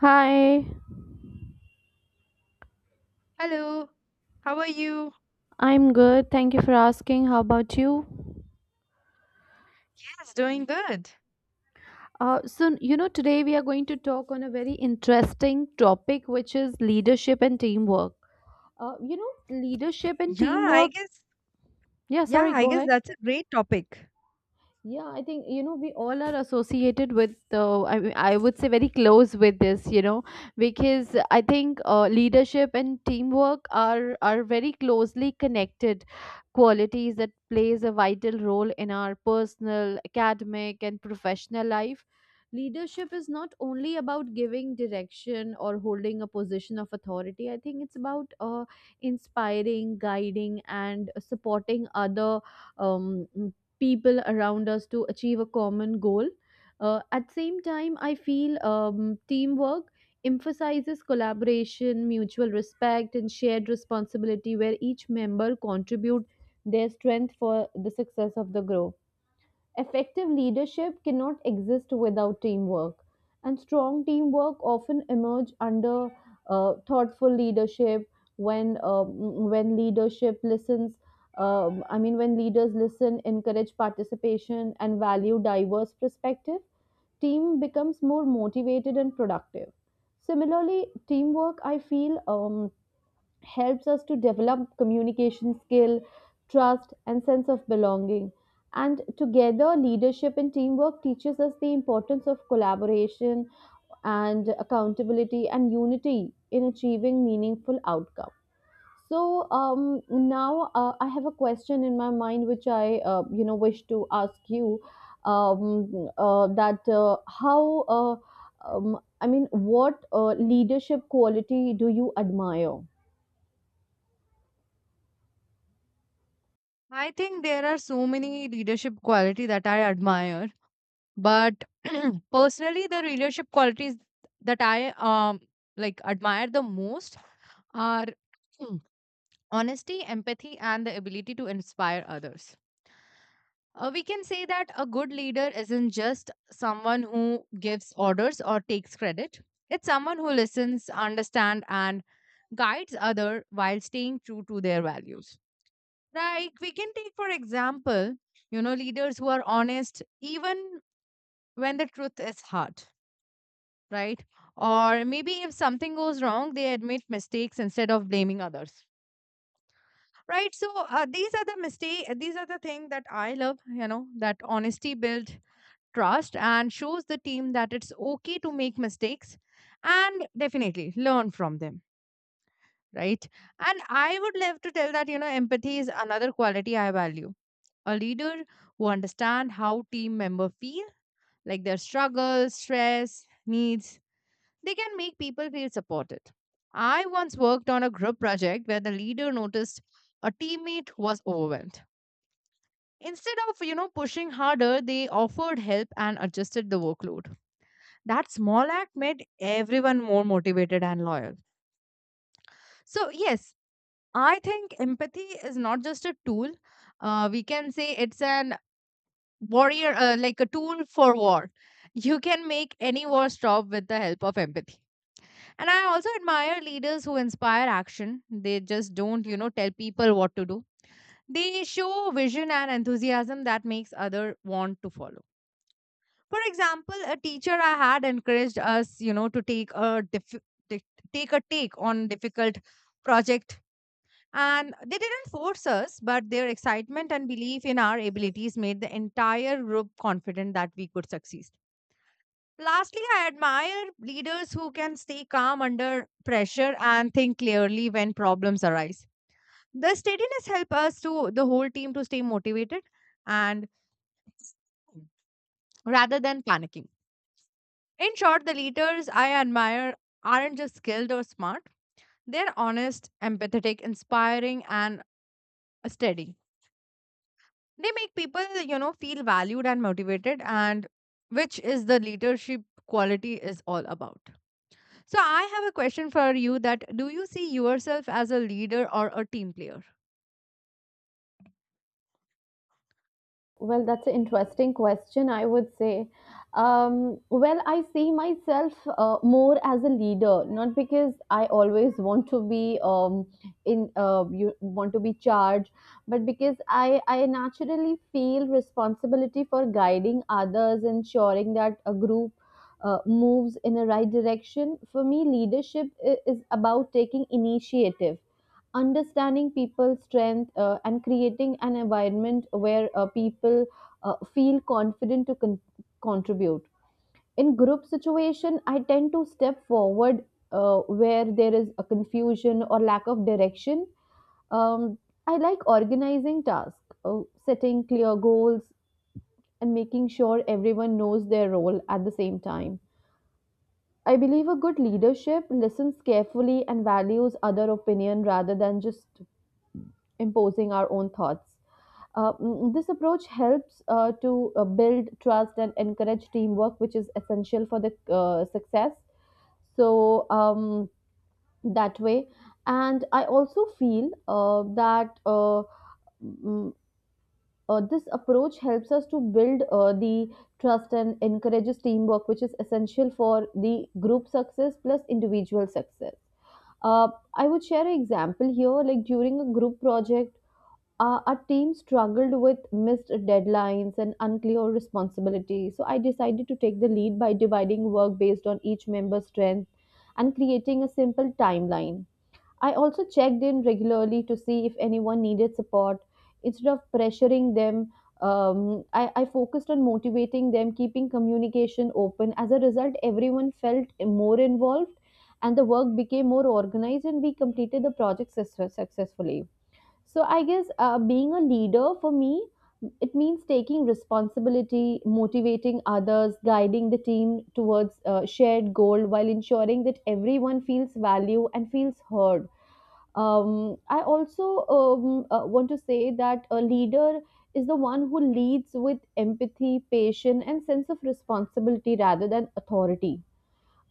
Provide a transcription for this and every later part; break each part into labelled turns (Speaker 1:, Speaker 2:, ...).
Speaker 1: Hi,
Speaker 2: Hello, how are you?
Speaker 1: I'm good. Thank you for asking. How about you?
Speaker 2: Yes, doing good.
Speaker 1: Today we are going to talk on a very interesting topic, which is leadership and teamwork. Leadership and
Speaker 2: Yeah, I
Speaker 1: teamwork.
Speaker 2: guess.
Speaker 1: Yeah,
Speaker 2: Yeah,
Speaker 1: sorry,
Speaker 2: I
Speaker 1: go
Speaker 2: guess
Speaker 1: ahead.
Speaker 2: that's a great topic.
Speaker 1: Yeah, I think you know we all are associated with. I mean, I would say very close with this, because I think leadership and teamwork are very closely connected qualities that plays a vital role in our personal, academic, and professional life. Leadership is not only about giving direction or holding a position of authority. I think it's about inspiring, guiding, and supporting other um, people around us to achieve a common goal. At same time, I feel teamwork emphasizes collaboration, mutual respect, and shared responsibility, where each member contribute their strength for the success of the group. Effective leadership cannot exist without teamwork, and strong teamwork often emerge under thoughtful leadership. When um, when leadership listens, I mean when leaders listen, encourage participation, and value diverse perspective, team becomes more motivated and productive. Similarly, teamwork I feel helps us to develop communication skill, trust, and sense of belonging. And together, leadership and teamwork teaches us the importance of collaboration and accountability and unity in achieving meaningful outcome. Now, I have a question in my mind which I wish to ask you that how I mean what leadership quality do you admire?
Speaker 2: I think there are so many leadership quality that I admire, but personally, the leadership qualities that I admire the most are honesty, empathy, and the ability to inspire others. We can say that a good leader isn't just someone who gives orders or takes credit. It's someone who listens, understands, and guides other while staying true to their values. Like we can take for example, you know, leaders who are honest even when the truth is hard, right? Or maybe if something goes wrong, they admit mistakes instead of blaming others. Right, so these are the mistake. These are the thing that I love. You know that honesty builds trust and shows the team that it's okay to make mistakes and definitely learn from them, right? And I would love to tell that, you know, empathy is another quality I value. A leader who understands how team member feel, like their struggles, stress, needs, they can make people feel supported. I once worked on a group project where the leader noticed a teammate was overwhelmed. Instead of, you know, pushing harder, they offered help and adjusted the workload. That small act made everyone more motivated and loyal. So, yes, I think empathy is not just a tool. We can say it's an warrior, like a tool for war. You can make any war stop with the help of empathy. And I also admire leaders who inspire action. They just don't, you know, tell people what to do. They show vision and enthusiasm that makes other want to follow. For example, a teacher I had encouraged us, you know, to take take on difficult project. And they didn't force us, but their excitement and belief in our abilities made the entire group confident that we could succeed. Lastly, I admire leaders who can stay calm under pressure and think clearly when problems arise. The steadiness helps us to the whole team to stay motivated and rather than panicking. In short, the leaders I admire aren't just skilled or smart, they're honest, empathetic, inspiring, and steady. They make people, you know, feel valued and motivated, and which is the leadership quality is all about. So I have a question for you that do you see yourself as a leader or a team player?
Speaker 1: Well, that's an interesting question, I would say. Well, I see myself more as a leader, not because I always want to be in you want to be charged, but because I naturally feel responsibility for guiding others, ensuring that a group moves in the right direction. For me, leadership is about taking initiative understanding people's strength and creating an environment where people feel confident to con- contribute in group situation. I tend to step forward where there is a confusion or lack of direction. um, I like organizing tasks, setting clear goals and making sure everyone knows their role. At the same time I believe a good leadership listens carefully and values other opinion rather than just imposing our own thoughts. This approach helps to build trust and encourage teamwork, which is essential for the success. So, that way, and I also feel that mm, mm, this approach helps us to build the trust and encourages teamwork, which is essential for the group success plus individual success. Uh, I would share an example here. Like during a group project, our team struggled with missed deadlines and unclear responsibility, so I decided to take the lead by dividing work based on each member's strength and creating a simple timeline. I also checked in regularly to see if anyone needed support. Instead of pressuring them, I focused on motivating them, keeping communication open. As a result, everyone felt more involved and the work became more organized, and we completed the project successfully. So I guess being a leader for me, it means taking responsibility, motivating others, guiding the team towards a shared goal while ensuring that everyone feels value and feels heard. I also want to say that a leader is the one who leads with empathy, patience, and sense of responsibility rather than authority.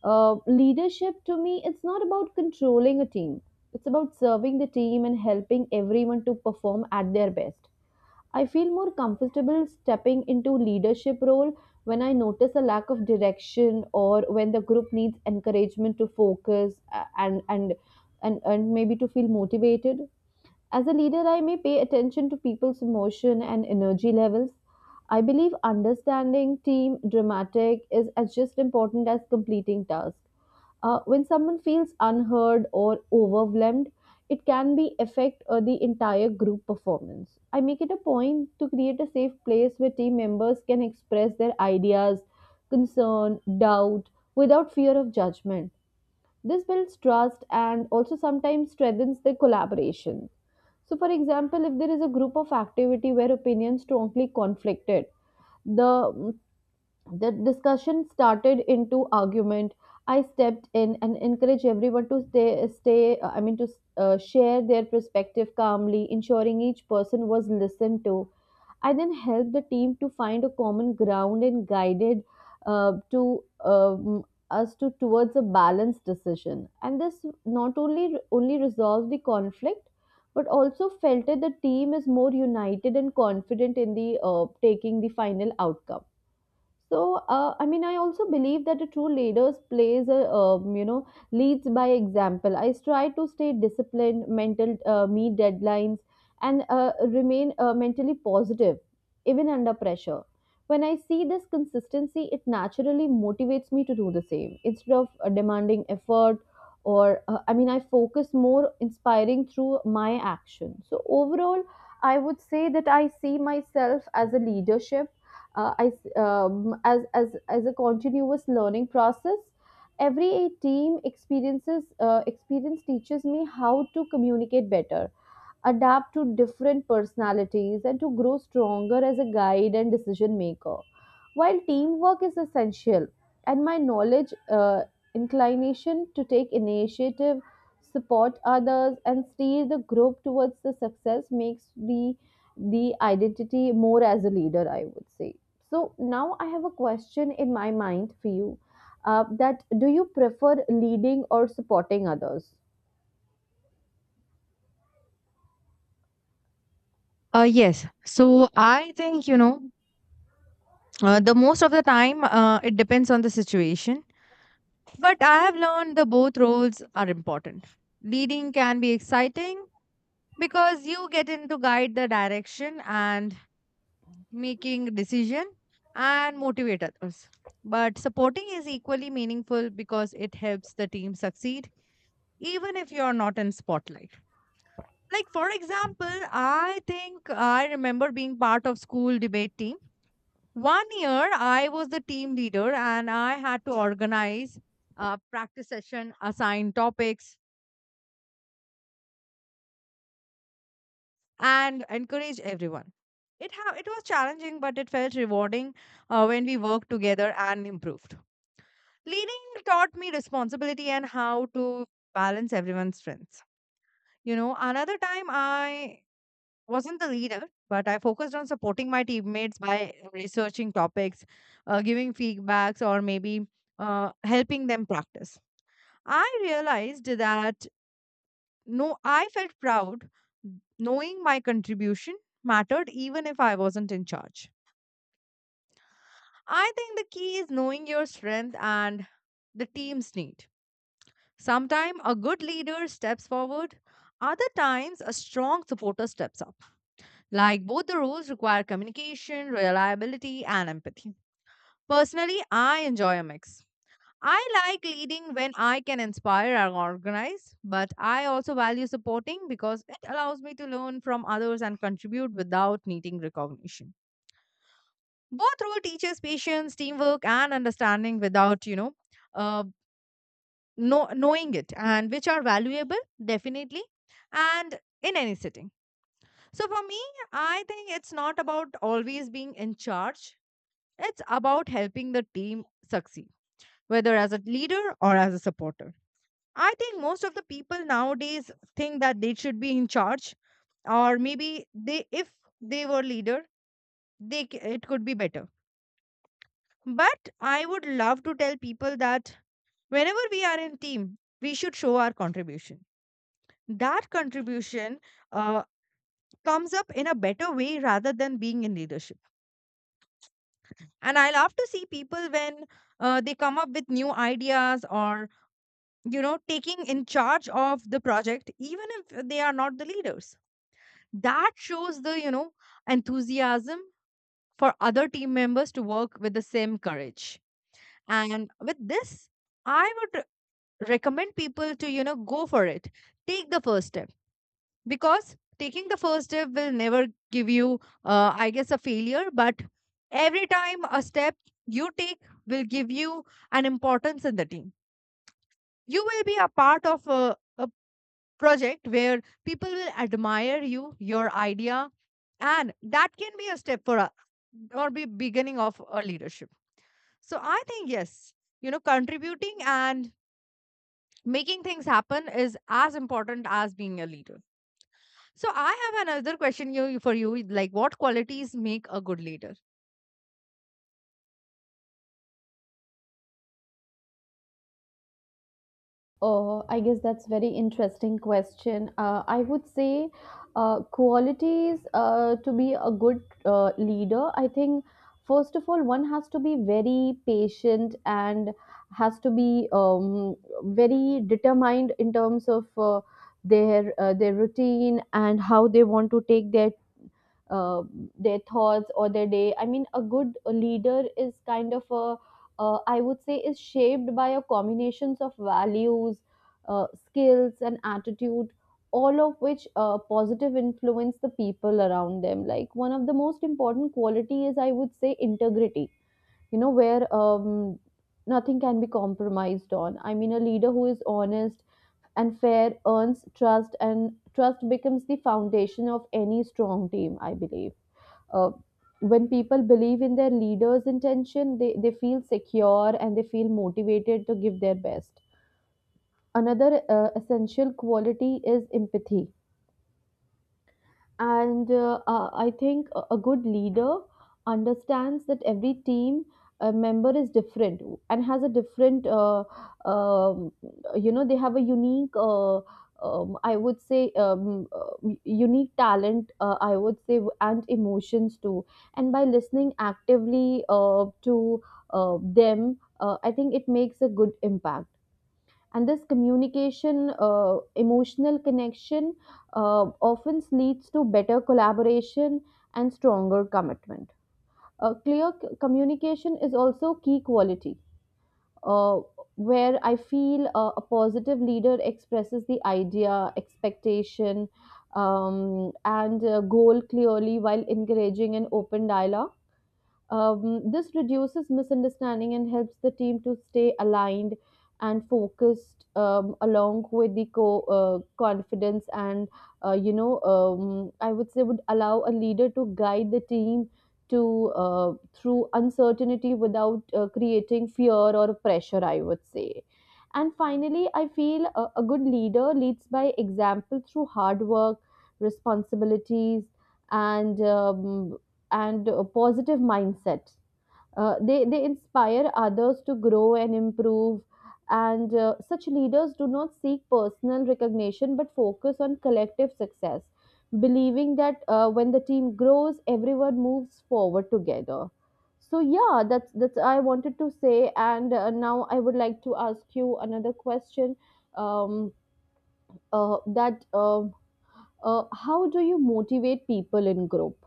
Speaker 1: Leadership to me, it's not about controlling a team. It's about serving the team and helping everyone to perform at their best. I feel more comfortable stepping into leadership role when I notice a lack of direction or when the group needs encouragement to focus and maybe to feel motivated. As a leader, I may pay attention to people's emotion and energy levels. I believe understanding team dramatic is as just important as completing tasks. When someone feels unheard or overwhelmed, it can be affect the entire group performance. I make it a point to create a safe place where team members can express their ideas, concern, doubt without fear of judgment. This builds trust and also sometimes strengthens the collaboration. So, for example, if there is a group of activity where opinions strongly conflicted, the the discussion started into argument. I stepped in and encouraged everyone to stay, stay. I mean, to share their perspective calmly, ensuring each person was listened to. I then helped the team to find a common ground and guided to us to towards a balanced decision. And this not only resolved the conflict, but also felt that the team is more united and confident in the taking the final outcome. So, I mean, I also believe that a true leader plays leads by example. I try to stay disciplined, meet deadlines, and remain mentally positive, even under pressure. When I see this consistency, it naturally motivates me to do the same. Instead of demanding effort, or I mean, I focus more inspiring through my action. So, overall, I would say that I see myself as a leadership I s as a continuous learning process. Every team experiences experience teaches me how to communicate better, adapt to different personalities, and to grow stronger as a guide and decision maker. While teamwork is essential, and my knowledge, inclination to take initiative, support others, and steer the group towards the success makes the identity more as a leader, I would say. So now I have a question in my mind for you. That Do you prefer leading or supporting others?
Speaker 2: Yes. So I think, you know, the most of the time, it depends on the situation. But I have learned the both roles are important. Leading can be exciting because you get in to guide the direction and making decision and motivate others, but supporting is equally meaningful because it helps the team succeed even if you're not in spotlight. Like, for example, I think I remember being part of school debate team. 1 year I was the team leader and I had to organize a practice session, assign topics, and encourage everyone. It was challenging, but it felt rewarding when we worked together and improved. Leading taught me responsibility and how to balance everyone's strengths. You know, another time I wasn't the leader, but I focused on supporting my teammates by researching topics, giving feedbacks, or maybe helping them practice. I realized that, no, I felt proud knowing my contribution mattered even if I wasn't in charge. I think the key is knowing your strength and the team's need. Sometimes a good leader steps forward, other times a strong supporter steps up. Like both the roles require communication, reliability, and empathy. Personally, I enjoy a mix. I like leading when I can inspire and organize, but I also value supporting because it allows me to learn from others and contribute without needing recognition. Both role teaches patience, teamwork, and understanding without, you uh, know, knowing it, and which are valuable definitely and in any setting. So for me, I think it's not about always being in charge, it's about helping the team succeed, whether as a leader or as a supporter. I think most of the people nowadays think that they should be in charge, or maybe they, if they were leader, it could be better. But I would love to tell people that whenever we are in team we should show our contribution. That contribution uh, comes up in a better way rather than being in leadership. And I love to see people when they come up with new ideas or, you know, taking in charge of the project even if they are not the leaders. That shows the, you know, enthusiasm for other team members to work with the same courage. And with this, I would recommend people to, you know, go for it. Take the first step, because taking the first step will never give you I guess a failure, but every time a step you take will give you an importance in the team. You will be a part of a project where people will admire you, your idea, and that can be a step for a or be beginning of a leadership. So I think, yes, you know, contributing and making things happen is as important as being a leader. So I have another question you for you, like what qualities make a good leader?
Speaker 1: Oh, I guess that's very interesting question. I would say qualities to be a good leader. I think first of all, one has to be very patient and has to be very determined in terms of their routine and how they want to take uh, their thoughts or their day. I mean a good leader is kind of a I would say is shaped by a combinations of values, skills and attitude, all of which positive influence the people around them. Like one of the most important quality is, I would say, integrity, you know, where nothing can be compromised on. I mean a leader who is honest and fair earns trust and trust becomes the foundation of any strong team, I believe. uh, when people believe in their leaders intention, they feel secure and they feel motivated to give their best. Another essential quality is empathy. And I think a good leader understands that every team member is different and has a different um, you know, they have a unique I would say unique talent, I would say, and emotions too, and by listening actively to them, I think it makes a good impact. And this communication, emotional connection, uh, often leads to better collaboration and stronger commitment. Communication is also key quality, uh, where I feel a positive leader expresses the idea expectation and goal clearly while encouraging an open dialogue. This reduces misunderstanding and helps the team to stay aligned and focused, along with the confidence, and I would say would allow a leader to guide the team to through uncertainty without creating fear or pressure, I would say. And finally I feel a good leader leads by example through hard work, responsibilities, and positive mindset. They inspire others to grow and improve. And such leaders do not seek personal recognition but focus on collective success, believing that when the team grows, everyone moves forward together. So yeah, that's I wanted to say. And now I would like to ask you another question. Um, that. How do you motivate people in group?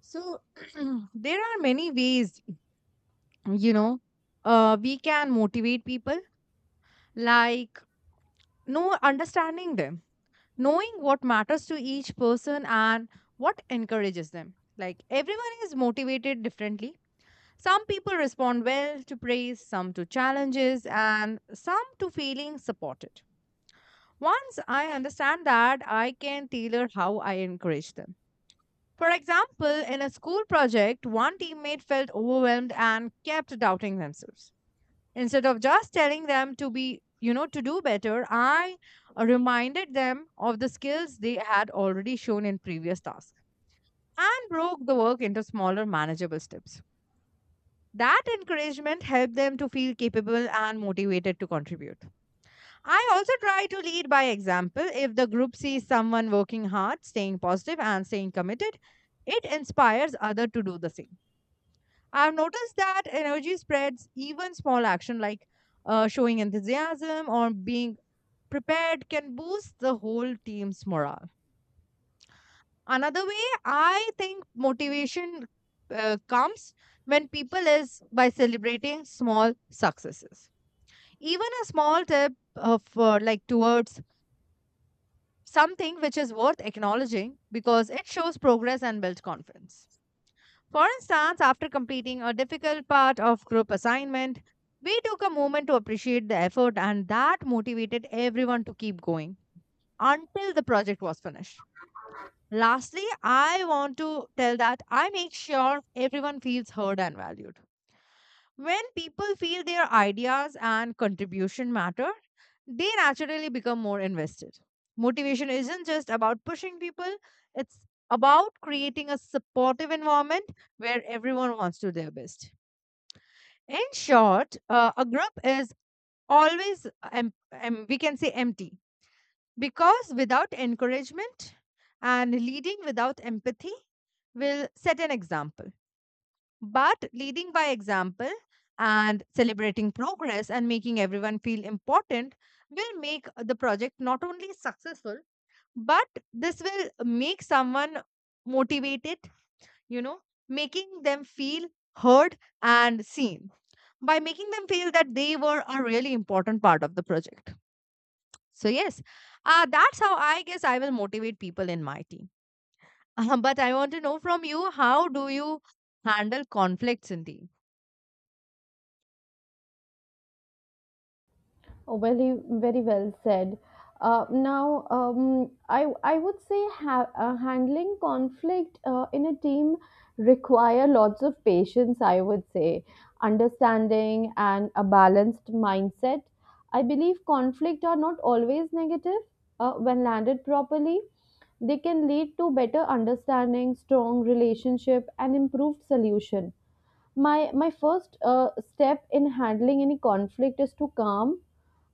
Speaker 2: So there are many ways, you know, we can motivate people, like know understanding them, knowing what matters to each person and what encourages them. Like everyone is motivated differently. Some people respond well to praise, some to challenges, and some to feeling supported. Once I understand that, I can tailor how I encourage them. For example, in a school project, one teammate felt overwhelmed and kept doubting themselves. Instead of just telling them to be, you know, to do better, I reminded them of the skills they had already shown in previous tasks and broke the work into smaller, manageable steps. That encouragement helped them to feel capable and motivated to contribute. I also try to lead by example. If the group sees someone working hard, staying positive, and staying committed, it inspires others to do the same. I've noticed that energy spreads, even small action like showing enthusiasm or being prepared can boost the whole team's morale. Another way I think motivation comes when people is by celebrating small successes. Even a small tip of like towards something which is worth acknowledging because it shows progress and builds confidence. For instance, after completing a difficult part of group assignment, we took a moment to appreciate the effort, and that motivated everyone to keep going until the project was finished. Lastly, I want to tell that I make sure everyone feels heard and valued. When people feel their ideas and contribution matter, they naturally become more invested. Motivation isn't just about pushing people, it's about creating a supportive environment where everyone wants to do their best. In short, a group is always, we can say, empty, because without encouragement and leading without empathy will set an example. But leading by example and celebrating progress and making everyone feel important will make the project not only successful, but this will make someone motivated, you know, making them feel heard and seen by making them feel that they were a really important part of the project. So, yes, that's how I guess I will motivate people in my team. But I want to know from you, how do you handle conflicts in team?
Speaker 1: Oh, very, very well said. Now, I would say handling conflict in a team require lots of patience. I would say understanding and a balanced mindset. I believe conflict are not always negative when landed properly. They can lead to better understanding, strong relationship, and improved solution. My first step in handling any conflict is to calm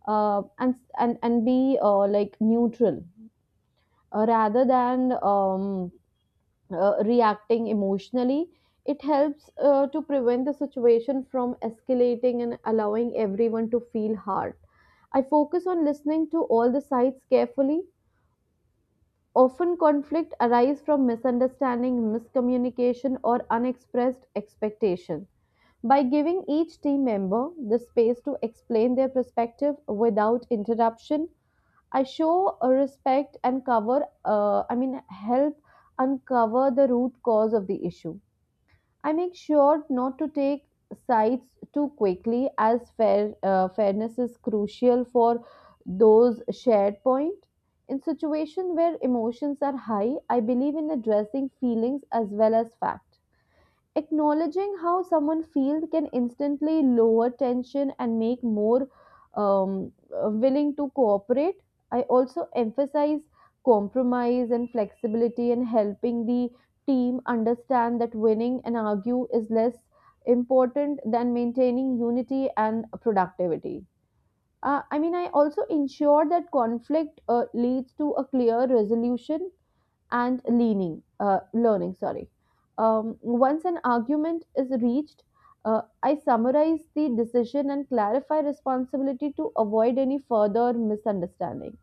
Speaker 1: and be like neutral rather than reacting emotionally. It helps to prevent the situation from escalating and allowing everyone to feel hurt. I focus on listening to all the sides carefully. Often, conflict arise from misunderstanding, miscommunication, or unexpressed expectation. By giving each team member the space to explain their perspective without interruption, I show a respect and cover, help uncover the root cause of the issue. I make sure not to take sides too quickly, as fairness is crucial for those shared point. In situation where emotions are high, I believe in addressing feelings as well as fact, acknowledging how someone feels can instantly lower tension and make more willing to cooperate. I also emphasize compromise and flexibility and helping the team understand that winning and argue is less important than maintaining unity and productivity. I also ensure that conflict leads to a clear resolution and learning. Sorry. Once an argument is reached, I summarize the decision and clarify responsibility to avoid any further misunderstanding.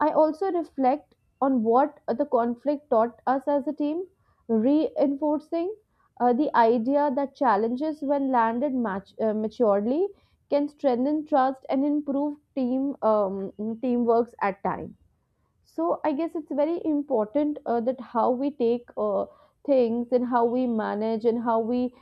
Speaker 1: I also reflect on what the conflict taught us as a team, reinforcing the idea that challenges, when landed maturely, can strengthen trust and improve team teamworks at times. So I guess it's very important that how we take things and how we manage and how we,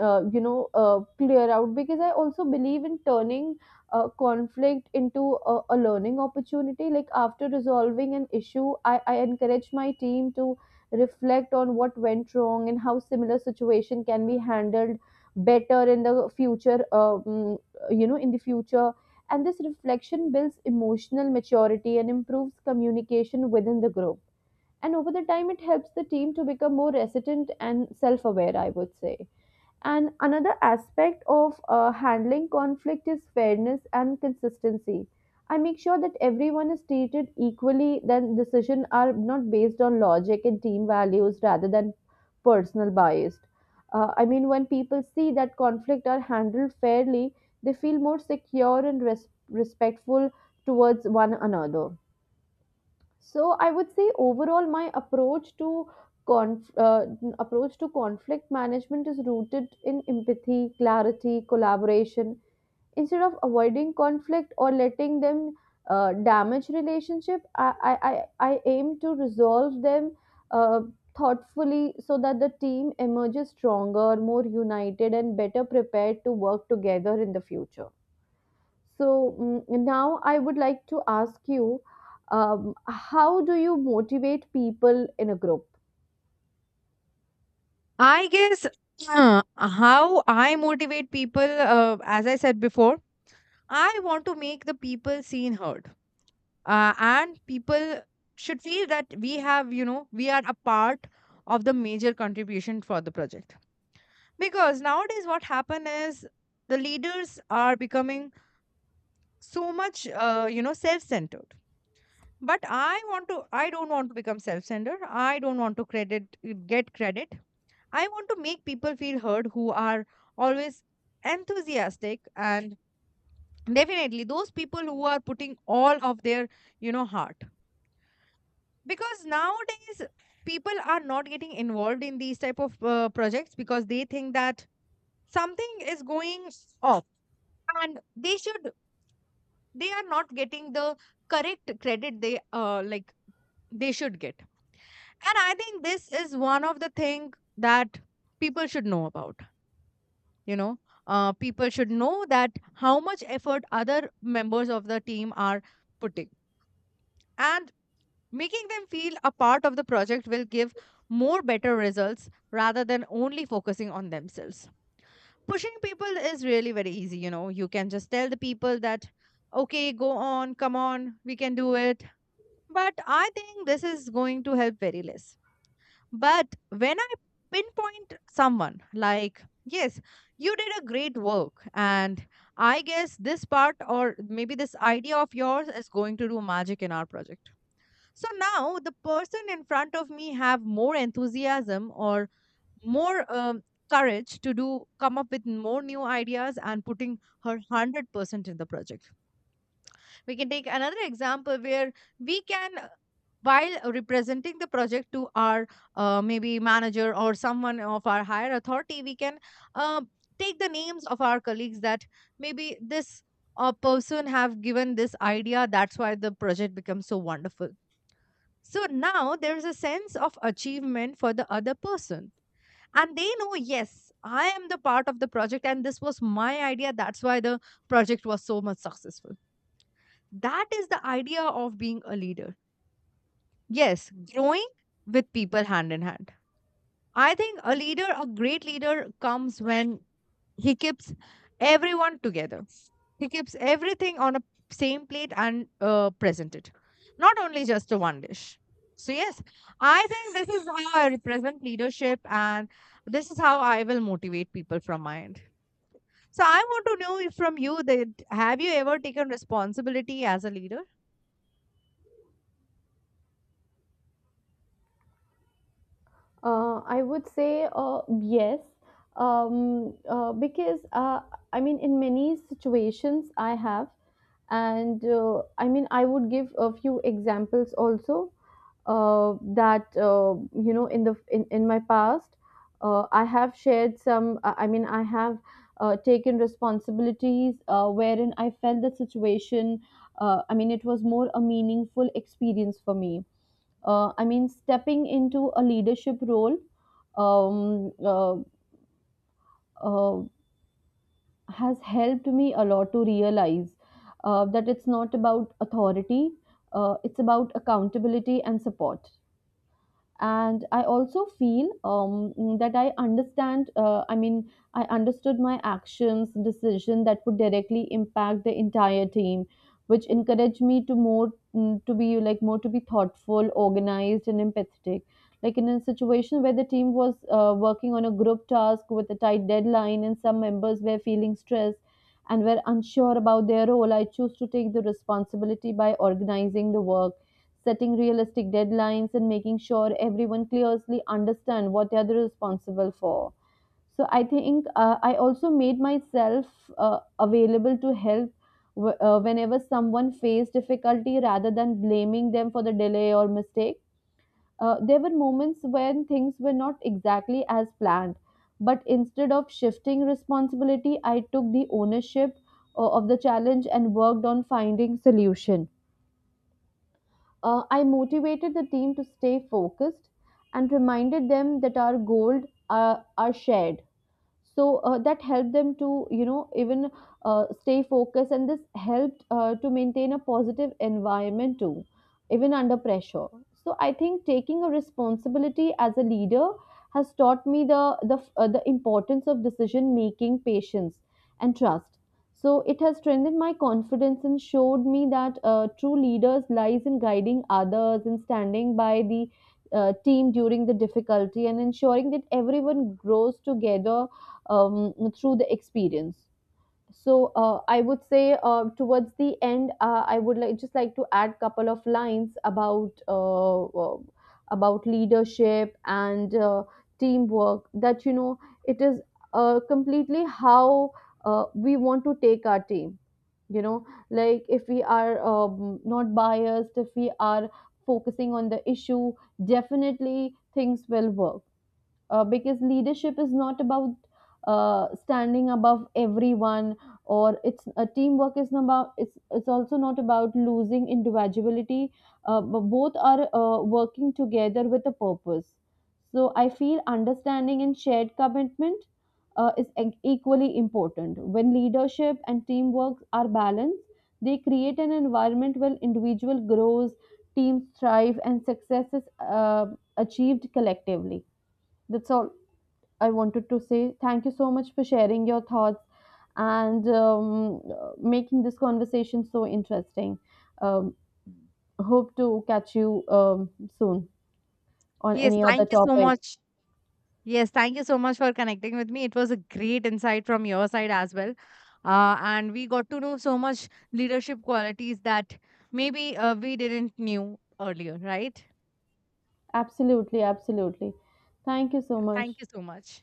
Speaker 1: clear out. Because I also believe in turning conflict into a learning opportunity. Like after resolving an issue, I encourage my team to reflect on what went wrong and how similar situation can be handled better in the future. You know, in the future and this reflection builds emotional maturity and improves communication within the group, and over the time it helps the team to become more resilient and self-aware, I would say. And another aspect of handling conflict is fairness and consistency. I make sure that everyone is treated equally, then decisions are not based on logic and team values rather than personal bias. When people see that conflict are handled fairly, they feel more secure and respectful towards one another. So I would say overall, my approach to conf- uh, approach to conflict management is rooted in empathy, clarity, collaboration. Instead of avoiding conflict or letting them damage relationship, I aim to resolve them uh, thoughtfully so that the team emerges stronger, more united, and better prepared to work together in the future. So, now I would like to ask you, how do you motivate people in a group?
Speaker 2: I guess how I motivate people, as I said before, I want to make the people seen heard. And people should feel that we have, you know, we are a part of the major contribution for the project. Because nowadays, what happen is the leaders are becoming so much, you know, self centered. But I want to, I don't want to become self centered. I don't want to credit, get credit. I want to make people feel heard, who are always enthusiastic and definitely those people who are putting all of their, you know, heart. Because nowadays people are not getting involved in these type of projects because they think that something is going off and they are not getting the correct credit they like they should get. And I think this is one of the thing that people should know about. You know, people should know that how much effort other members of the team are putting, and making them feel a part of the project will give more better results rather than only focusing on themselves. Pushing people is really very easy, you know, you can just tell the people that okay, go on, come on, we can do it. But I think this is going to help very less. But when I pinpoint someone, like, yes, you did a great work, and I guess this part or maybe this idea of yours is going to do magic in our project. So now the person in front of me have more enthusiasm or more courage to do come up with more new ideas and putting her 100% in the project. We can take another example where we can, while representing the project to our maybe manager or someone of our higher authority, we can uh, take the names of our colleagues that maybe this person have given this idea. That's why the project becomes so wonderful. So now there's a sense of achievement for the other person. And they know, yes, I am the part of the project, and this was my idea. That's why the project was so much successful. That is the idea of being a leader. Yes, growing with people hand in hand. I think a leader, a great leader, comes when he keeps everyone together. He keeps everything on a same plate and presented, not only just a one dish. So yes, I think this is how I represent leadership, and this is how I will motivate people from my end. So I want to know if- from you that have you ever taken responsibility as a leader?
Speaker 1: I would say yes, because I mean, in many situations I have, and I mean, I would give a few examples also. That You know, in my past I have shared some I mean I have taken responsibilities wherein I felt the situation, I mean, it was more a meaningful experience for me. I mean, stepping into a leadership role um, uh, uh, has helped me a lot to realize that it's not about authority, it's about accountability and support. And I also feel that I understand, I mean, I understood my actions decision that would directly impact the entire team, which encouraged me to more mm, to be like more to be thoughtful, organized and empathetic. Like in a situation where the team was working on a group task with a tight deadline and some members were feeling stressed and were unsure about their role, I chose to take the responsibility by organizing the work, setting realistic deadlines and making sure everyone clearly understands what they are responsible for. So I think I also made myself available to help whenever someone faced difficulty rather than blaming them for the delay or mistake. There were moments when things were not exactly as planned, but instead of shifting responsibility, I took the ownership of the challenge and worked on finding solution. I motivated the team to stay focused and reminded them that our goals are shared. So that helped them to, you know, even stay focused, and this helped to maintain a positive environment too, even under pressure. So I think taking a responsibility as a leader has taught me the importance of decision making, patience and trust. So it has strengthened my confidence and showed me that true leaders lies in guiding others and standing by the team during the difficulty and ensuring that everyone grows together through the experience. So I would say, towards the end, I would like just like to add couple of lines about leadership and teamwork, that you know it is completely how we want to take our team. You know, like if we are not biased, if we are focusing on the issue, definitely things will work. Because leadership is not about standing above everyone, or it's a teamwork is not about, it's also not about losing individuality, but both are working together with a purpose. So I feel understanding and shared commitment is equally important. When leadership and teamwork are balanced, they create an environment where individual grows, teams thrive and success is uh, achieved collectively. That's all I wanted to say. Thank you so much for sharing your thoughts and making this conversation so interesting. Um, Hope to catch you soon on
Speaker 2: Yes,
Speaker 1: any other
Speaker 2: thank you so
Speaker 1: topic.
Speaker 2: much. Yes, thank you so much for connecting with me. It was a great insight from your side as well. And we got to know so much leadership qualities that maybe we didn't knew earlier, right?
Speaker 1: Absolutely, absolutely. Thank you so much.
Speaker 2: Thank you so much.